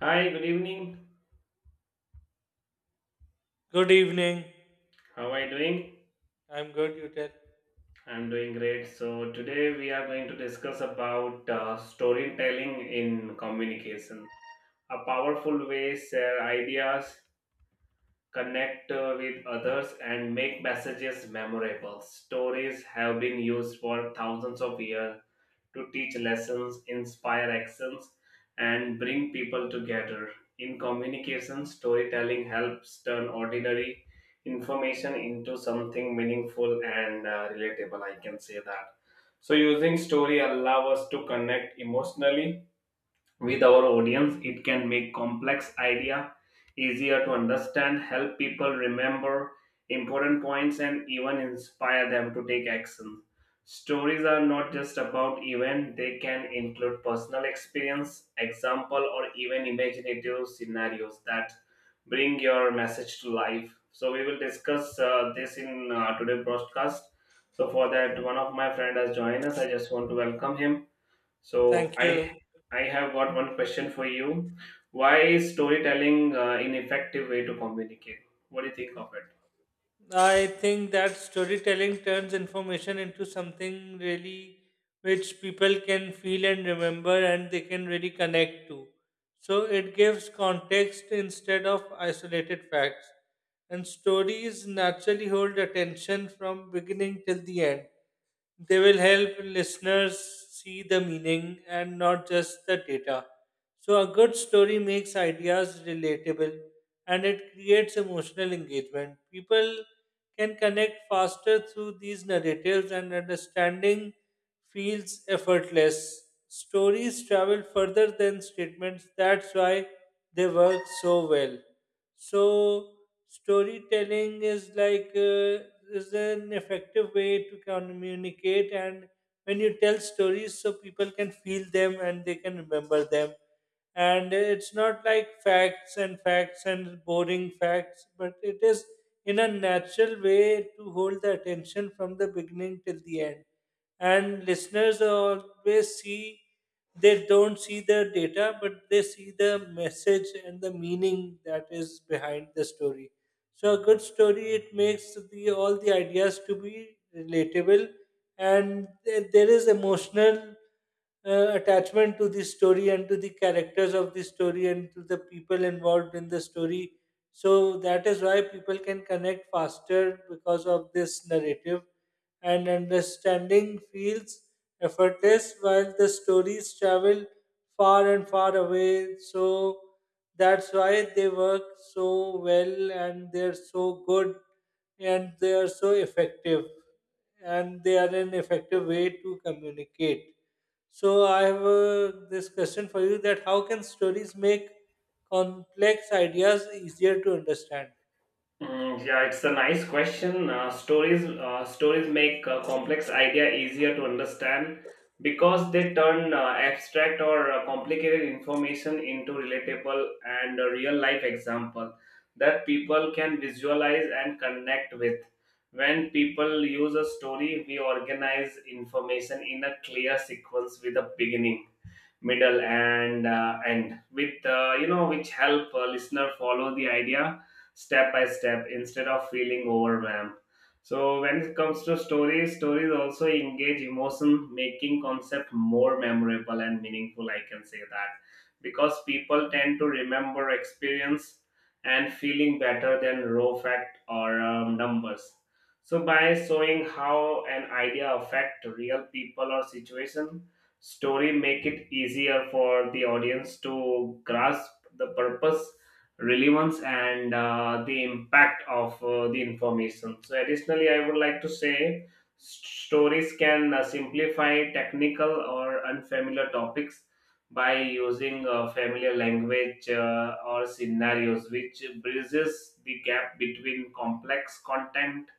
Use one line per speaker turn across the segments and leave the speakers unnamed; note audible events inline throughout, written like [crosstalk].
Hi, good evening.
Good evening.
How are you doing?
I'm good, you tell.
I'm doing great. So, today we are going to discuss about storytelling in communication, a powerful way share ideas, connect with others, and make messages memorable. Stories have been used for thousands of years to teach lessons, inspire actions, and bring people together. In communication, storytelling helps turn ordinary information into something meaningful and relatable. I can say that. So, using story allow us to connect emotionally with our audience. It can make complex idea easier to understand, help people remember important points, and even inspire them to take action. Stories are not just about event, they can include personal experience, example, or even imaginative scenarios that bring your message to life. So we will discuss this in today's broadcast. So for that, one of my friend has joined us. I just want to welcome him. So
Thank you.
I have got one question for you. Why is storytelling an effective way to communicate? What do you think of it?
I think that storytelling turns information into something really which people can feel and remember and they can really connect to. So it gives context instead of isolated facts. And stories naturally hold attention from beginning till the end. They will help listeners see the meaning and not just the data. So, a good story makes ideas relatable and it creates emotional engagement. People can connect faster through these narratives, and understanding feels effortless. Stories travel further than statements, that's why they work so well. So storytelling is like is an effective way to communicate, and when you tell stories, so people can feel them and they can remember them. And it's not like facts and facts and boring facts, but it is in a natural way to hold the attention from the beginning till the end, and listeners always see, they don't see the data but they see the message and the meaning that is behind the story. So a good story, it makes the all the ideas to be relatable, and there is emotional attachment to the story and to the characters of the story and to the people involved in the story. So that is why people can connect faster because of this narrative, and understanding feels effortless while the stories travel far and far away. So that's why they work so well, and they're so good, and they are so effective, and they are an effective way to communicate. So I have this question for you: that how can stories make complex ideas easier to understand?
Mm, yeah, it's a nice question. Stories make a complex idea easier to understand because they turn abstract or complicated information into relatable and real life example that people can visualize and connect with. When people use a story, we organize information in a clear sequence with a beginning, middle, and end with you know, which help a listener follow the idea step by step instead of feeling overwhelmed. So when it comes to stories, stories also engage emotion, making concept more memorable and meaningful. I can say that. Because people tend to remember experience and feeling better than raw fact or numbers. So by showing how an idea affect real people or situation, story make it easier for the audience to grasp the purpose, relevance, and the impact of the information. So additionally, I would like to say stories can simplify technical or unfamiliar topics by using familiar language or scenarios, which bridges the gap between complex content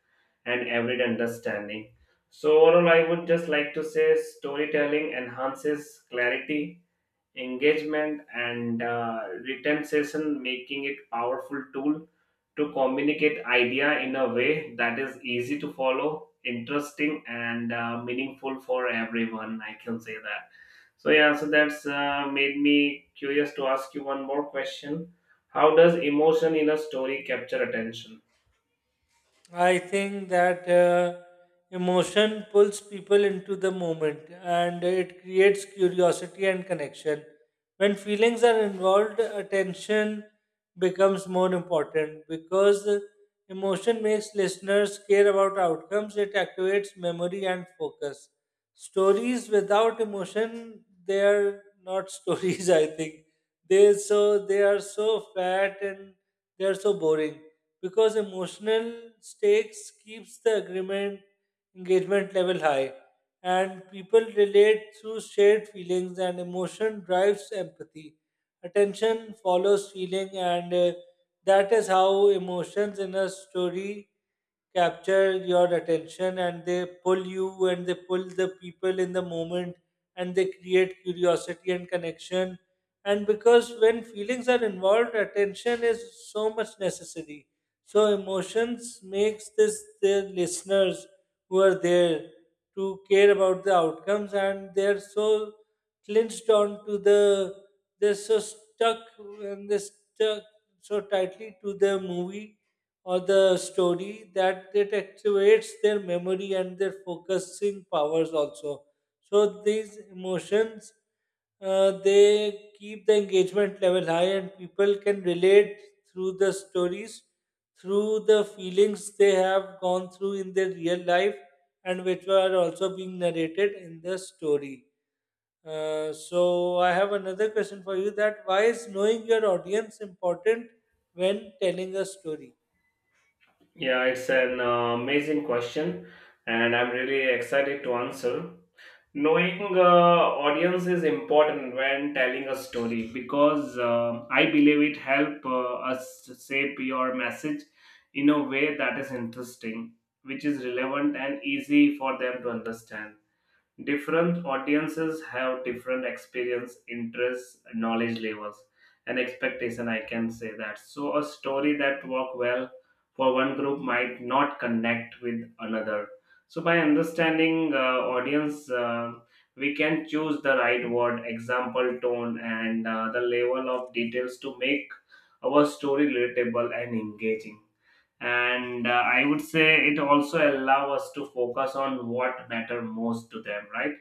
and average understanding. So, overall, I would just like to say storytelling enhances clarity, engagement, and retention, making it powerful tool to communicate idea in a way that is easy to follow, interesting, and meaningful for everyone. I can say that. So yeah, so that's made me curious to ask you one more question. How does emotion in a story capture attention?
I think that emotion pulls people into the moment and it creates curiosity and connection. When feelings are involved, attention becomes more important because emotion makes listeners care about outcomes, it activates memory and focus. Stories without emotion, they are not [laughs] stories, I think. They, so they are so fat and they are so boring because emotional stakes keeps the agreement engagement level high, and people relate through shared feelings, and emotion drives empathy. Attention follows feeling, and that is how emotions in a story capture your attention, and they pull you and they pull the people in the moment, and they create curiosity and connection. And because when feelings are involved, attention is so much necessary. So emotions makes this, their listeners who are there, to care about the outcomes, and they're so clinched on to the, they're so stuck, and they're stuck so tightly to the movie or the story, that it activates their memory and their focusing powers also. So these emotions, they keep the engagement level high, and people can relate through the stories, through the feelings they have gone through in their real life, and which were also being narrated in the story. So I have another question for you: that why is knowing your audience important when telling a story?
Yeah, it's an amazing question, and I'm really excited to answer. Knowing audience is important when telling a story because I believe it help us to shape your message in a way that is interesting, which is relevant and easy for them to understand. Different audiences have different experience, interests, knowledge levels, and expectation. I can say that. So a story that work well for one group might not connect with another. So by understanding audience, we can choose the right word, example, tone, and the level of details to make our story relatable and engaging, and I would say it also allow us to focus on what matter most to them, right?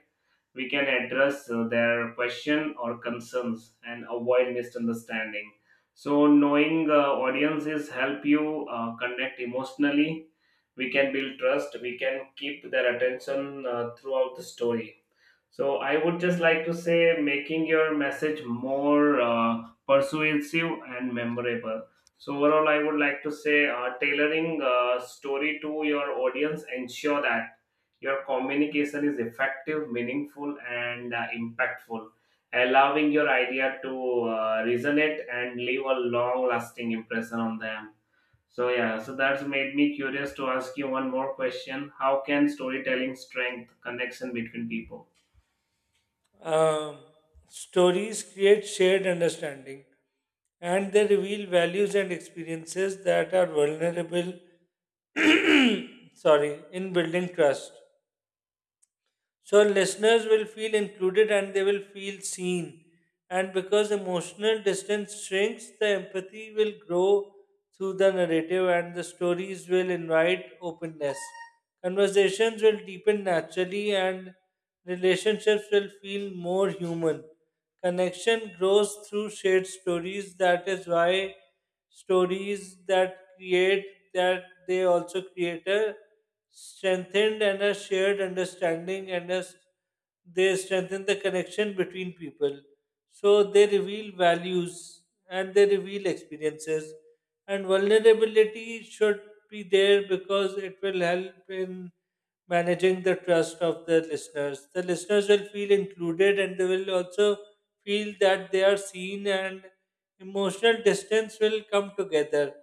We can address their question or concerns and avoid misunderstanding. So knowing audiences help you connect emotionally, we can build trust, we can keep their attention throughout the story. So I would just like to say making your message more persuasive and memorable. So overall, I would like to say tailoring story to your audience ensure that your communication is effective, meaningful, and impactful, allowing your idea to resonate and leave a long-lasting impression on them. So yeah, so that's made me curious to ask you one more question. How can storytelling strengthen connection between people?
Um, stories create shared understanding, and they reveal values and experiences that are vulnerable, sorry, in building trust. So listeners will feel included and they will feel seen. And because emotional distance shrinks, the empathy will grow through the narrative, and the stories will invite openness. Conversations will deepen naturally, and relationships will feel more human. Connection grows through shared stories. That is why stories that create, that they also create a strengthened and a shared understanding and a, they strengthen the connection between people. So they reveal values and they reveal experiences. And vulnerability should be there because it will help in managing the trust of the listeners. The listeners will feel included, and they will also feel that they are seen, and emotional distance will come together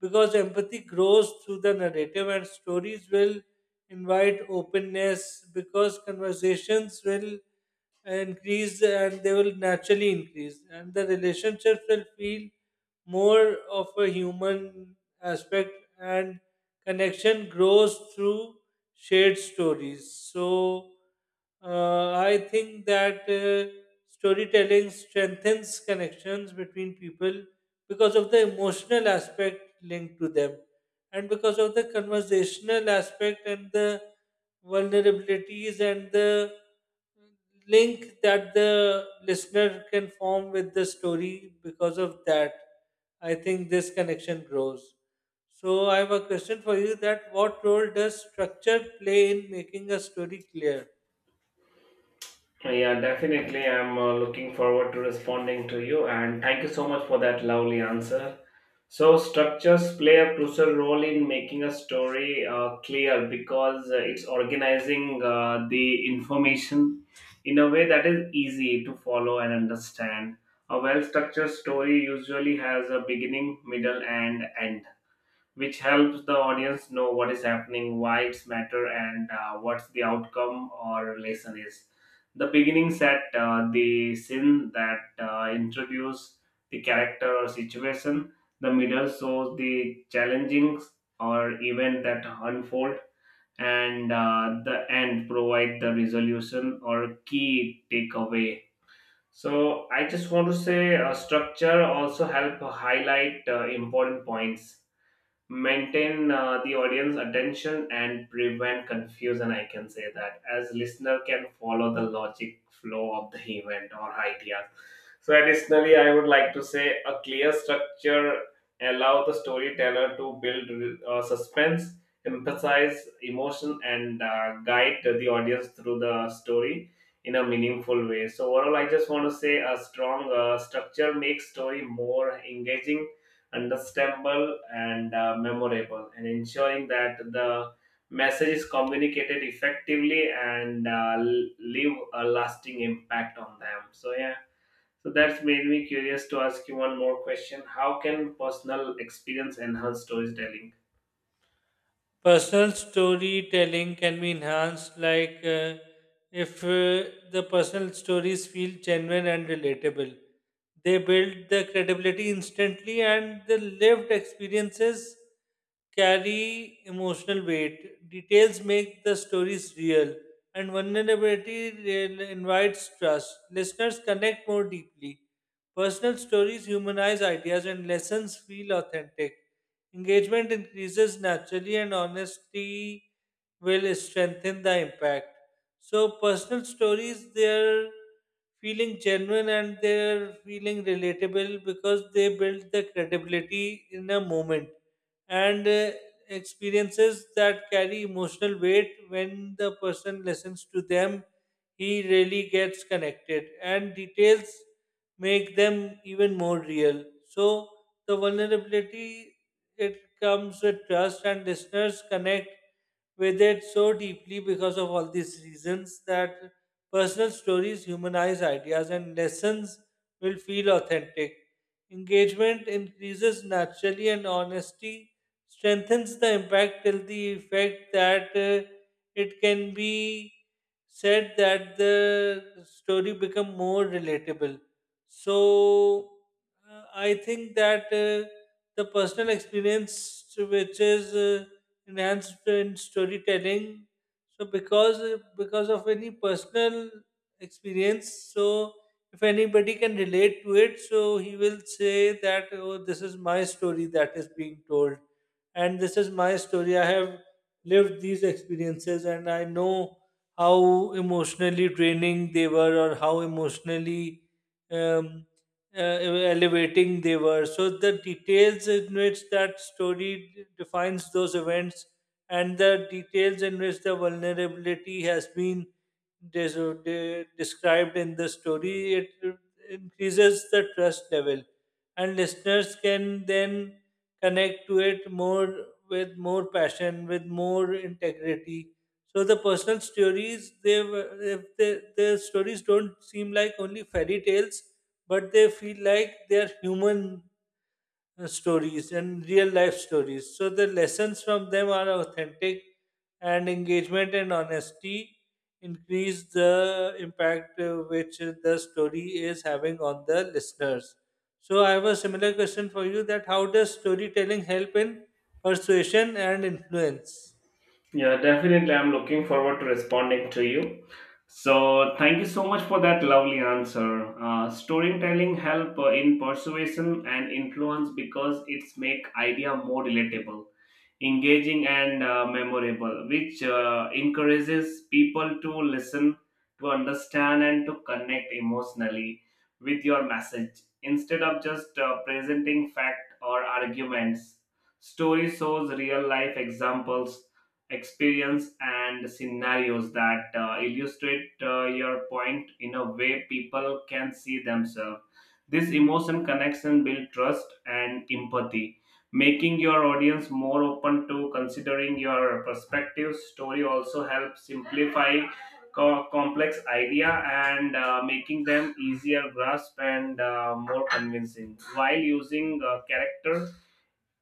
because empathy grows through the narrative, and stories will invite openness because conversations will increase, and they will naturally increase, and the relationships will feel more of a human aspect, and connection grows through shared stories. So I think that storytelling strengthens connections between people because of the emotional aspect linked to them, and because of the conversational aspect, and the vulnerabilities, and the link that the listener can form with the story. Because of that, I think this connection grows. So I have a question for you: that what role does structure play in making a story clear?
Yeah, definitely. I'm looking forward to responding to you, and thank you so much for that lovely answer. So, structures play a crucial role in making a story clear because it's organizing the information in a way that is easy to follow and understand. A well structured story usually has a beginning, middle, and end, which helps the audience know what is happening, why it's matter, and what's the outcome or lesson is. The beginning set the scene that introduce the character or situation. The middle shows the challenging or event that unfold, and the end provide the resolution or key takeaway. So I just want to say structure also help highlight important points, maintain the audience attention, and prevent confusion. I can say that, as listener can follow the logic flow of the event or ideas. So additionally, I would like to say a clear structure allow the storyteller to build suspense, emphasize emotion, and guide the audience through the story in a meaningful way. So overall, I just want to say a strong structure makes story more engaging, understandable, and memorable, and ensuring that the message is communicated effectively and leave a lasting impact on them. So yeah, so that's made me curious to ask you one more question. How can personal experience enhance storytelling?
Personal storytelling can be enhanced, like if the personal stories feel genuine and relatable, they build the credibility instantly, and the lived experiences carry emotional weight. Details make the stories real, and vulnerability invites trust. Listeners connect more deeply. Personal stories humanize ideas, and lessons feel authentic. Engagement increases naturally, and honesty will strengthen the impact. So, personal stories, they're feeling genuine and they're feeling relatable because they build the credibility in a moment, and experiences that carry emotional weight, when the person listens to them he really gets connected, and details make them even more real. So the vulnerability, it comes with trust, and listeners connect with it so deeply because of all these reasons, that personal stories humanize ideas, and lessons will feel authentic. Engagement increases naturally, and honesty strengthens the impact till the effect that it can be said that the story become more relatable. So I think that the personal experience which is enhanced in storytelling. So because of any personal experience, so if anybody can relate to it, so he will say that, oh, this is my story that is being told, and this is my story. I have lived these experiences, and I know how emotionally draining they were, or how emotionally um, elevating they were. So the details in which that story defines those events, and the details in which the vulnerability has been described in the story, it increases the trust level, and listeners can then connect to it more, with more passion, with more integrity. So the personal stories, they were- if they, the stories don't seem like only fairy tales, but they feel like they're human stories and real life stories. So the lessons from them are authentic, and engagement and honesty increase the impact which the story is having on the listeners. So I have a similar question for you: that how does storytelling help in persuasion and influence?
Yeah, definitely. I'm looking forward to responding to you. So, thank you so much for that lovely answer. Storytelling help in persuasion and influence because it's make idea more relatable, engaging, and memorable, which encourages people to listen, to understand, and to connect emotionally with your message instead of just presenting fact or arguments. Story shows real life examples, experience, and scenarios that illustrate your point in a way people can see themselves. This emotion connection build trust and empathy, making your audience more open to considering your perspective. Story also helps simplify complex idea, and making them easier grasp and more convincing, while using character,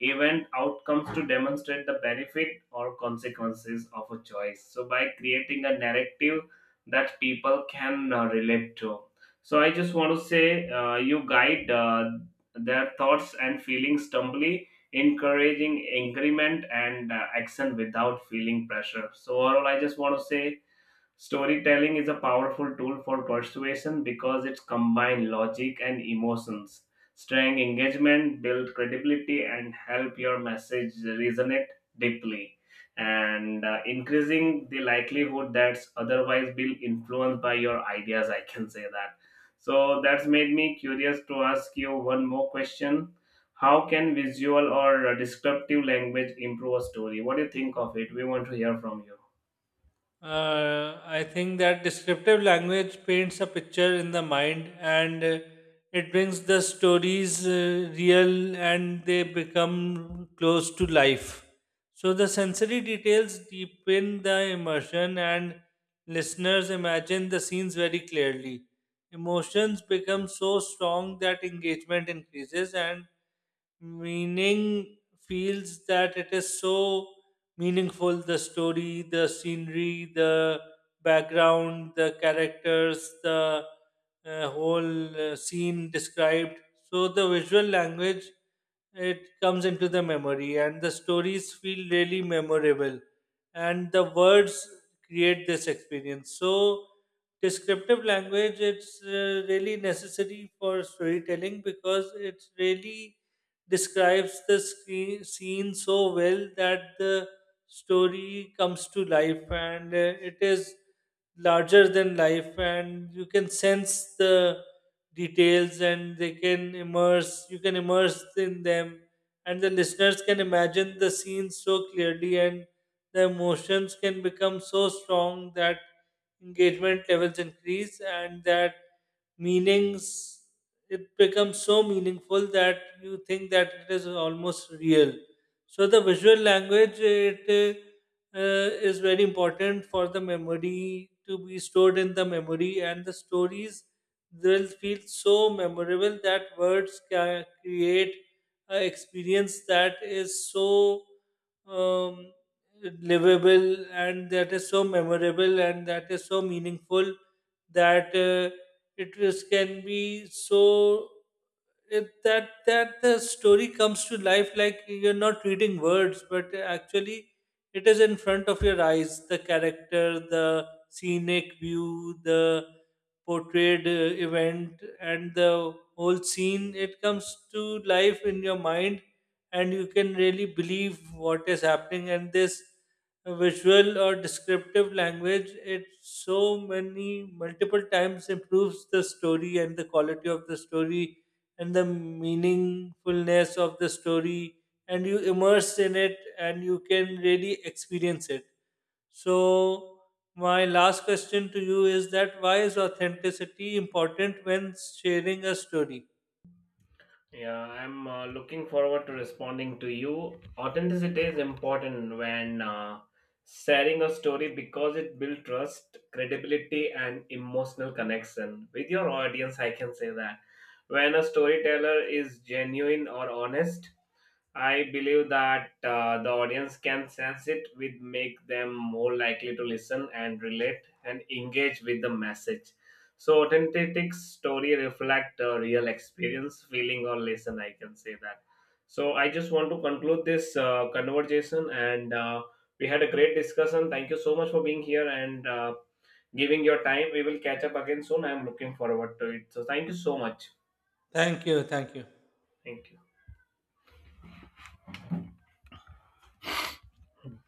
event, outcomes to demonstrate the benefit or consequences of a choice. So, by creating a narrative that people can relate to. So, I just want to say you guide their thoughts and feelings humbly, encouraging increment and action without feeling pressure. So, overall, I just want to say storytelling is a powerful tool for persuasion because it combines logic and emotions, strength engagement, build credibility, and help your message resonate deeply, and increasing the likelihood that otherwise will influenced by your ideas. I can say that. So that's made me curious to ask you one more question. How can visual or descriptive language improve a story? What do you think of it? We want to hear from you.
I think that descriptive language paints a picture in the mind, and it brings the stories real, and they become close to life. So the sensory details deepen the immersion, and listeners imagine the scenes very clearly. Emotions become so strong that engagement increases, and meaning feels that it is so meaningful, the story, the scenery, the background, the characters, the whole scene described. So the visual language, it comes into the memory, and the stories feel really memorable, and the words create this experience. So descriptive language, it's really necessary for storytelling because it really describes the scene so well that the story comes to life, and it is larger than life, and you can sense the details, and they can immerse, you can immerse in them, and the listeners can imagine the scenes so clearly, and the emotions can become so strong that engagement levels increase, and that meanings, it becomes so meaningful that you think that it is almost real. So the visual language, it is very important for the memory to be stored in the memory, and the stories will feel so memorable that words can create an experience that is so um, livable, and that is so memorable, and that is so meaningful, that it is, can be so it, that that the story comes to life, like you're not reading words but actually it is in front of your eyes, the character, the scenic view, the portrayed event, and the whole scene, it comes to life in your mind, and you can really believe what is happening. And this visual or descriptive language, it so many multiple times improves the story and the quality of the story and the meaningfulness of the story, and you immerse in it, and you can really experience it. So my last question to you is: that why is authenticity important when sharing a story?
Yeah, I'm looking forward to responding to you. Authenticity is important when sharing a story because it builds trust, credibility, and emotional connection with your audience. I can say that when a storyteller is genuine or honest, I believe that the audience can sense it, which make them more likely to listen and relate and engage with the message. So authentic story reflect a real experience, feeling, or lesson. I can say that. So I just want to conclude this conversation, and we had a great discussion. Thank you so much for being here and giving your time. We will catch up again soon. I am looking forward to it. So thank you so much.
Thank you, thank you.
Thank you.